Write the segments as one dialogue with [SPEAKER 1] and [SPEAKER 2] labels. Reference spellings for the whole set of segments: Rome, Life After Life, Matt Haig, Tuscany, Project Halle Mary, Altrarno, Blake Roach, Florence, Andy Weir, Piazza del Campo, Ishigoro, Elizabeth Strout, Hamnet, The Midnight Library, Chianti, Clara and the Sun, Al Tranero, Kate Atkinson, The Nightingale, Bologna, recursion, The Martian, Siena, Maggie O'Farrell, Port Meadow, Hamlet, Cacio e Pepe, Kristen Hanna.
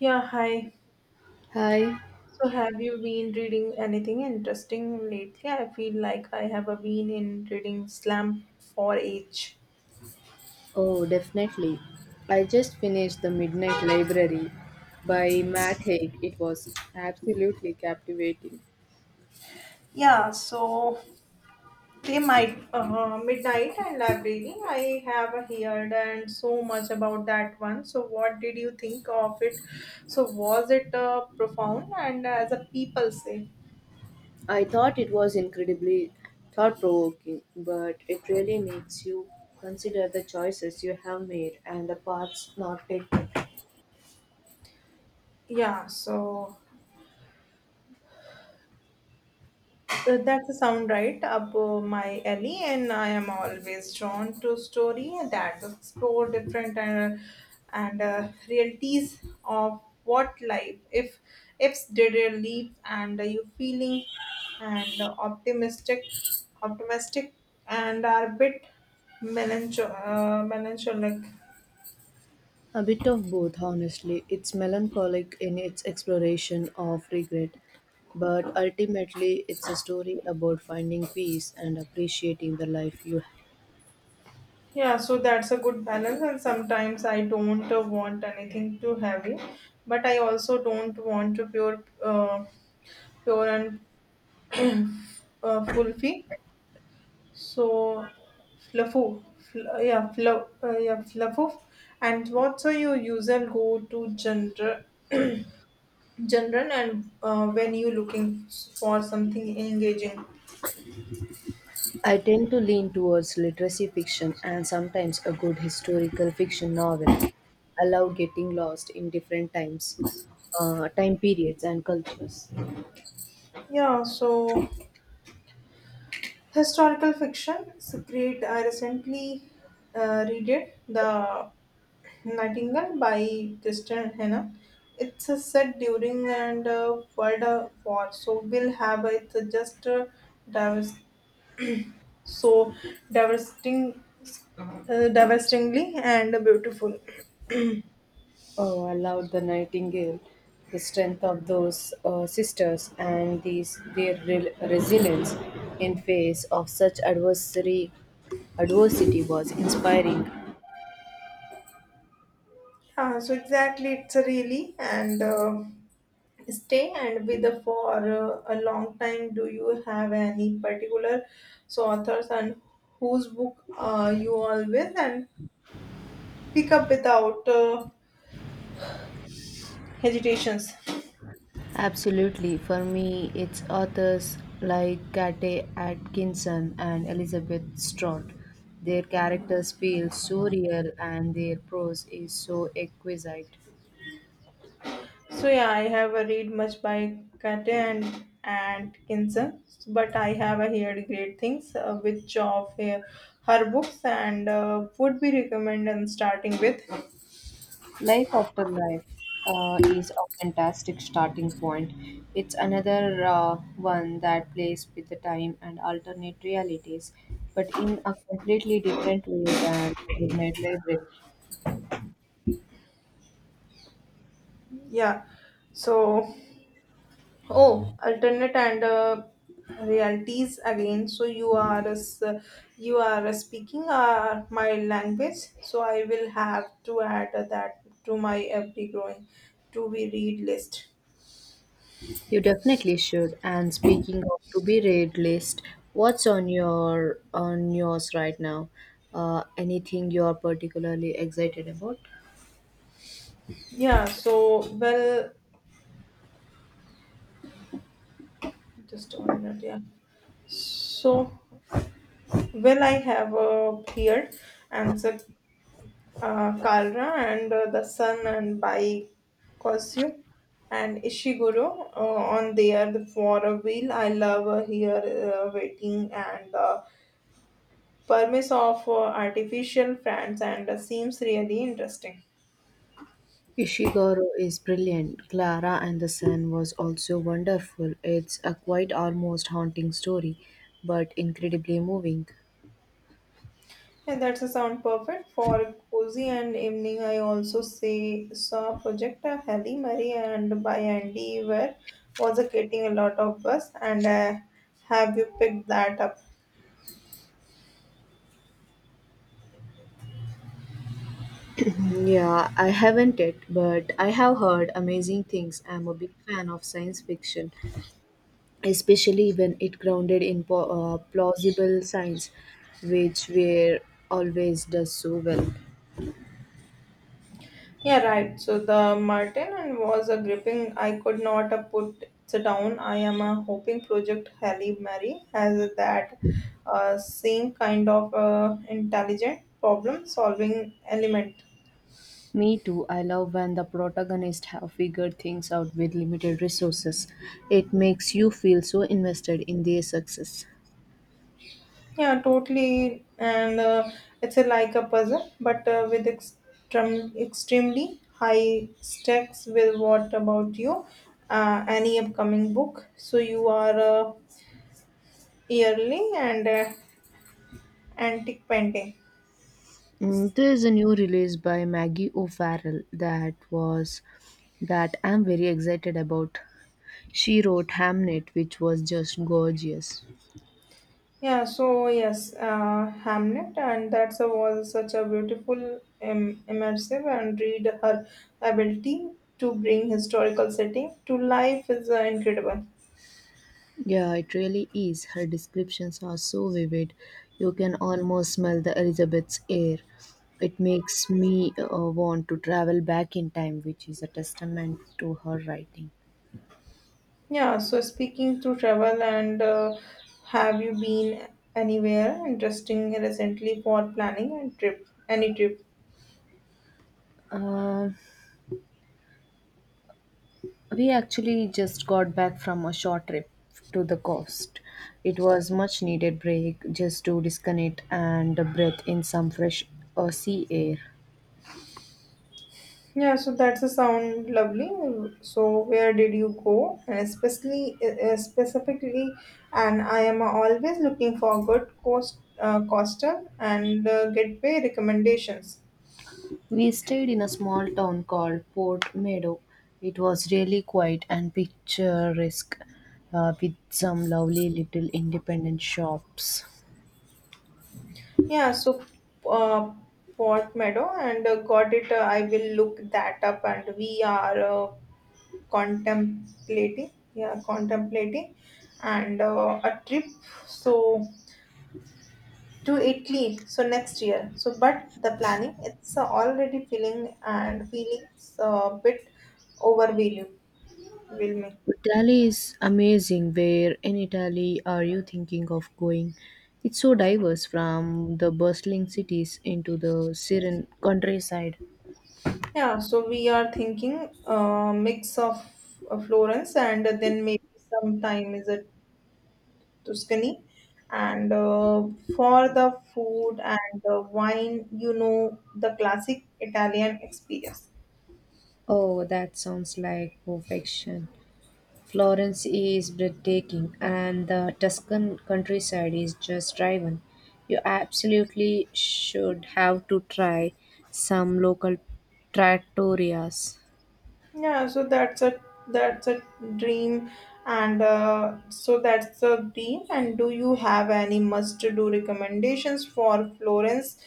[SPEAKER 1] Yeah, hi.
[SPEAKER 2] Hi.
[SPEAKER 1] So, have you been reading anything interesting lately? I feel like I have a been in reading Slam for H.
[SPEAKER 2] Oh, definitely. I just finished The Midnight Library by Matt Haig. It was absolutely captivating.
[SPEAKER 1] Yeah, so they might midnight and library. I have heard and so much about that one. So, what did you think of it? So, was it profound and as a people say?
[SPEAKER 2] I thought it was incredibly thought provoking, but it really makes you consider the choices you have made and the paths not taken.
[SPEAKER 1] Yeah, so that's a sound right up my alley, and I am always drawn to story that explore different and realities of what life if ifs did you leave and you feeling and optimistic and are a bit melancholic.
[SPEAKER 2] A bit of both, honestly. It's melancholic in its exploration of regret, but ultimately, it's a story about finding peace and appreciating the life you
[SPEAKER 1] Yeah, so that's a good balance, and sometimes I don't want anything too heavy, but I also don't want to pure and fluffy. So fluffy, fl- yeah, fluff, yeah, fluffy. And what's are your usual go-to genre, and when you looking for something engaging?
[SPEAKER 2] I tend to lean towards literacy fiction and sometimes a good historical fiction novel. I love getting lost in different times, time periods, and cultures.
[SPEAKER 1] Yeah, so historical fiction is a great. I recently read it, The Nightingale by Kristen Hanna. It's a set during and World War, so we'll have it just diverse so devastating devastatingly and beautiful
[SPEAKER 2] Oh, I love the Nightingale, the strength of those sisters and these resilience in face of such adversary, adversity was inspiring.
[SPEAKER 1] yeah so exactly it's a really and stay and with the for a long time do you have any particular so authors and whose book you always and pick up without hesitations.
[SPEAKER 2] Absolutely. For me, it's authors like Kate Atkinson and Elizabeth Strout. Their characters feel so real and their prose is so exquisite.
[SPEAKER 1] So yeah, I have a read much by Kate and Kinson, but I have a heard great things which of her books and would be recommend and starting with
[SPEAKER 2] Life After Life is a fantastic starting point. It's another one that plays with the time and alternate realities, but in a completely different way than The Midnight Library.
[SPEAKER 1] yeah. So oh, alternate and realities again. So you are a s you are a speaking my language. So I will have to add that to my every growing to be read list.
[SPEAKER 2] You definitely should. And speaking of to be read list, what's on your on yours right now? Anything you're particularly excited about?
[SPEAKER 1] Yeah. So well. Just one minute, yeah. So, well, I have here answered Kalra and the Sun and by Kosyu and Ishiguro on there for a wheel. I love here waiting and the permise of artificial friends and seems really interesting.
[SPEAKER 2] Ishigoro is brilliant. Clara and the Sun was also wonderful. It's a quite almost haunting story, but incredibly moving.
[SPEAKER 1] Yeah, that's a sound perfect for cozy and evening. I also say saw project Halle Mary and by Andy where was getting a lot of buzz and have you picked that up?
[SPEAKER 2] Yeah, I haven't it, but I have heard amazing things. I'm a big fan of science fiction, especially when it grounded in plausible science, which were always does so well.
[SPEAKER 1] Yeah, right. So the Martin and was a gripping. I could not put it down. I am hoping project Halle Mary has that same kind of intelligent problem solving element.
[SPEAKER 2] Me too. I love when the protagonists have figured things out with limited resources. It makes you feel so invested in their success.
[SPEAKER 1] Yeah, totally. And it's a, like a puzzle, but with extremely high stakes. With what about you? Any upcoming book? So you are yearly and antique painting.
[SPEAKER 2] Mm, there is a new release by Maggie O'Farrell that I'm very excited about. She wrote Hamnet, which was just gorgeous.
[SPEAKER 1] Yeah, so yes, Hamlet, and that's a, was such a beautiful, immersive, and read her ability to bring historical setting to life is incredible.
[SPEAKER 2] Yeah, it really is. Her descriptions are so vivid. You can almost smell the Elizabeth's air. It makes me want to travel back in time, which is a testament to her writing.
[SPEAKER 1] Yeah, so speaking to travel and have you been anywhere interesting recently for planning a trip? Any trip?
[SPEAKER 2] Uh, we actually just got back from a short trip to the coast. It was much needed break just to disconnect and breathe in some fresh sea air.
[SPEAKER 1] Yeah, so that's a sound lovely. So where did you go? And especially specifically, and I am always looking for good coastal and gateway recommendations.
[SPEAKER 2] We stayed in a small town called Port Meadow. It was really quiet and picturesque with some lovely little independent shops.
[SPEAKER 1] Yeah, so uh, Port Meadow and got it. I will look that up, and we are contemplating and a trip so to Italy so next year so but the planning it's already feeling a bit overwhelming.
[SPEAKER 2] Italy is amazing. Where in Italy are you thinking of going? It's so diverse from the bustling cities into the serene countryside.
[SPEAKER 1] Yeah, so we are thinking a mix of Florence and then maybe sometime is it Tuscany and for the food and the wine you know the classic Italian experience.
[SPEAKER 2] Oh, that sounds like perfection. Florence is breathtaking, and the Tuscan countryside is just driven. You absolutely should have to try some local trattorias.
[SPEAKER 1] Yeah, so that's a dream, and so that's a dream. And do you have any must-do recommendations for Florence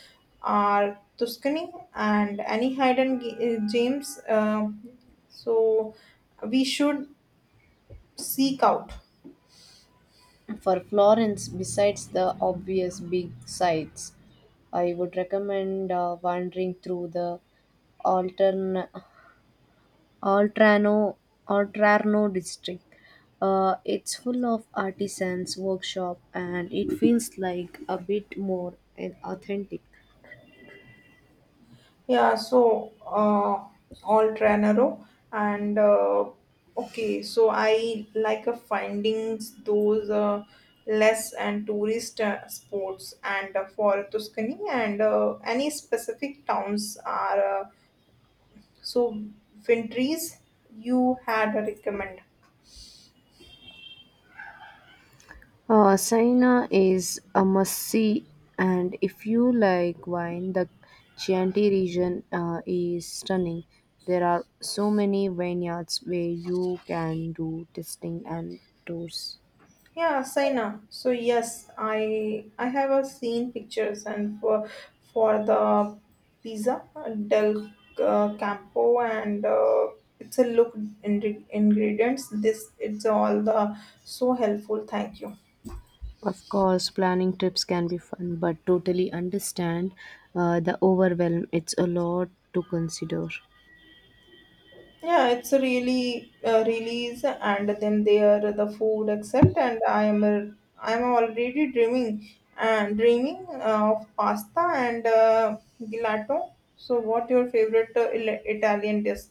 [SPEAKER 1] or Tuscany and any hidden gems? So we should seek out.
[SPEAKER 2] For Florence, besides the obvious big sights, I would recommend wandering through the altern Altrano, Altrarno district. It's full of artisans, workshop, and it feels like a bit more an authentic.
[SPEAKER 1] Yeah, so all Tranero and okay, so I like findings those less and tourist sports and for Tuscany and any specific towns are so wintries you had a recommend.
[SPEAKER 2] Siena is a must-see, and if you like wine, the Chianti region is stunning. There are so many vineyards where you can do tasting and tours.
[SPEAKER 1] Yeah, Saina. So yes, I have seen pictures and for the pizza del Campo and it's a look in ingredients. This it's all the so helpful. Thank you.
[SPEAKER 2] Of course, planning trips can be fun, but totally understand the overwhelm. It's a lot to consider.
[SPEAKER 1] Yeah, it's a really release, and then there the food except, and I am already dreaming and dreaming of pasta and gelato. So, what your favorite Italian dish?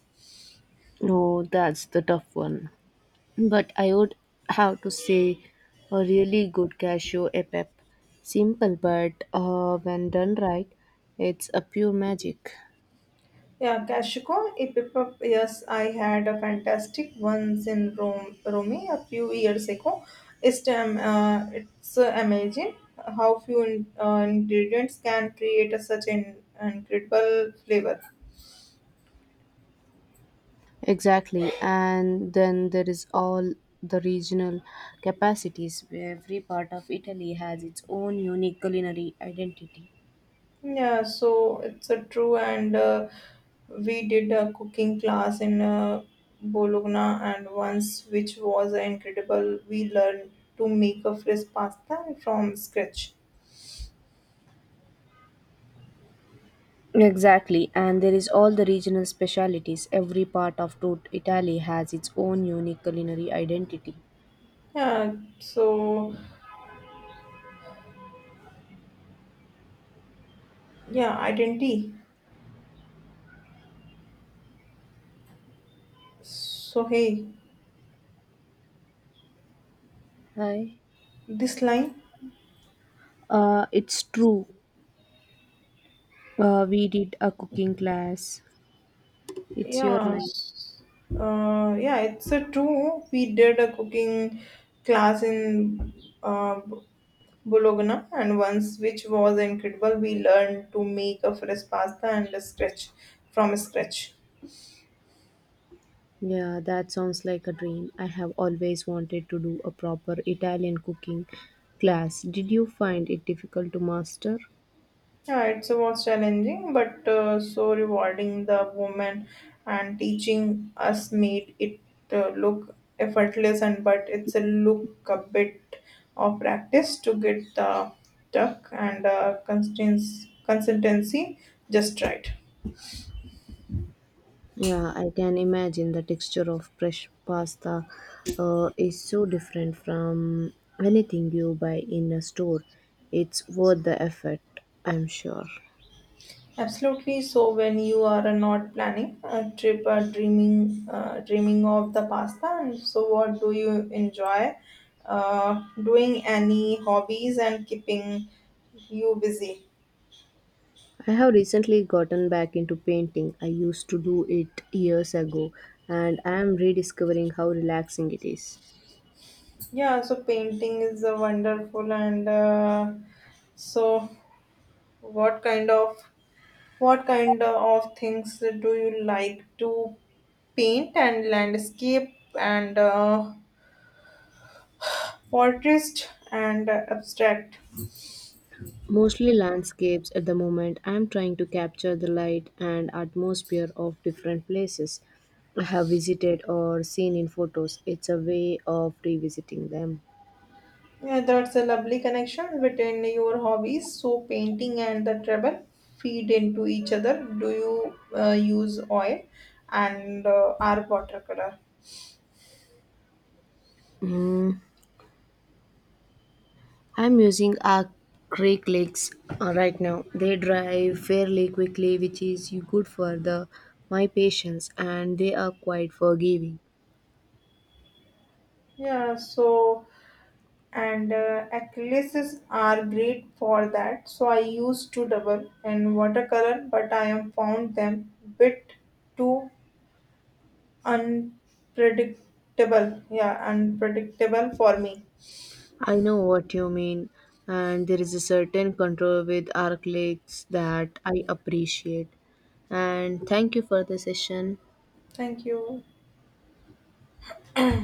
[SPEAKER 2] No, that's the tough one. But I would have to say a really good cashew epep. Simple, but when done right, it's a pure magic.
[SPEAKER 1] Yeah, Cashco, a pepper. Yes, I had a fantastic once in Rome a few years ago. It's amazing how few in, ingredients can create a such an incredible flavor.
[SPEAKER 2] Exactly. And then there is all the regional capacities where every part of Italy has its own unique culinary identity.
[SPEAKER 1] Yeah, so it's a true, and we did a cooking class in Bologna, and once, which was incredible. We learned to make a fresh pasta from scratch.
[SPEAKER 2] Exactly, and there is all the regional specialities. Every part of Italy has its own unique culinary identity.
[SPEAKER 1] Yeah, so yeah, identity. So hey,
[SPEAKER 2] Hi.
[SPEAKER 1] this line.
[SPEAKER 2] It's true. We did a cooking class. It's your
[SPEAKER 1] Yeah,
[SPEAKER 2] line.
[SPEAKER 1] yeah, it's a true. We did a cooking class in uh, Bologna, and once, which was incredible. We learned to make a fresh pasta and a scratch from scratch.
[SPEAKER 2] Yeah, that sounds like a dream. I have always wanted to do a proper Italian cooking class. Did you find it difficult to master?
[SPEAKER 1] Yeah, it was challenging, but so rewarding. The woman and teaching us made it look effortless, and but it's a look a bit of practice to get the tuck and consistency just right.
[SPEAKER 2] Yeah, I can imagine the texture of fresh pasta is so different from anything you buy in a store. It's worth the effort, I'm sure.
[SPEAKER 1] Absolutely. So when you are not planning a trip or dreaming of the pasta, and so what do you enjoy? Doing any hobbies and keeping you busy?
[SPEAKER 2] I have recently gotten back into painting. I used to do it years ago, and I am rediscovering how relaxing it is.
[SPEAKER 1] Yeah. So painting is a wonderful and so what kind of what kind of things do you like to paint and landscape and portrait and abstract?
[SPEAKER 2] Mostly landscapes at the moment. I'm trying to capture the light and atmosphere of different places I have visited or seen in photos. It's a way of revisiting them.
[SPEAKER 1] Yeah, that's a lovely connection between your hobbies. So, painting and the travel feed into each other. Do you use oil and are watercolor?
[SPEAKER 2] Mm, I'm using acrylics right now. They dry fairly quickly, which is good for the my patience, and they are quite forgiving.
[SPEAKER 1] Yeah, so and acrylics are great for that. So, I used to double and watercolor, but I am found them bit too unpredictable. Yeah, unpredictable for me.
[SPEAKER 2] I know what you mean, and there is a certain control with Arclix that I appreciate. And thank you for the session.
[SPEAKER 1] Thank you.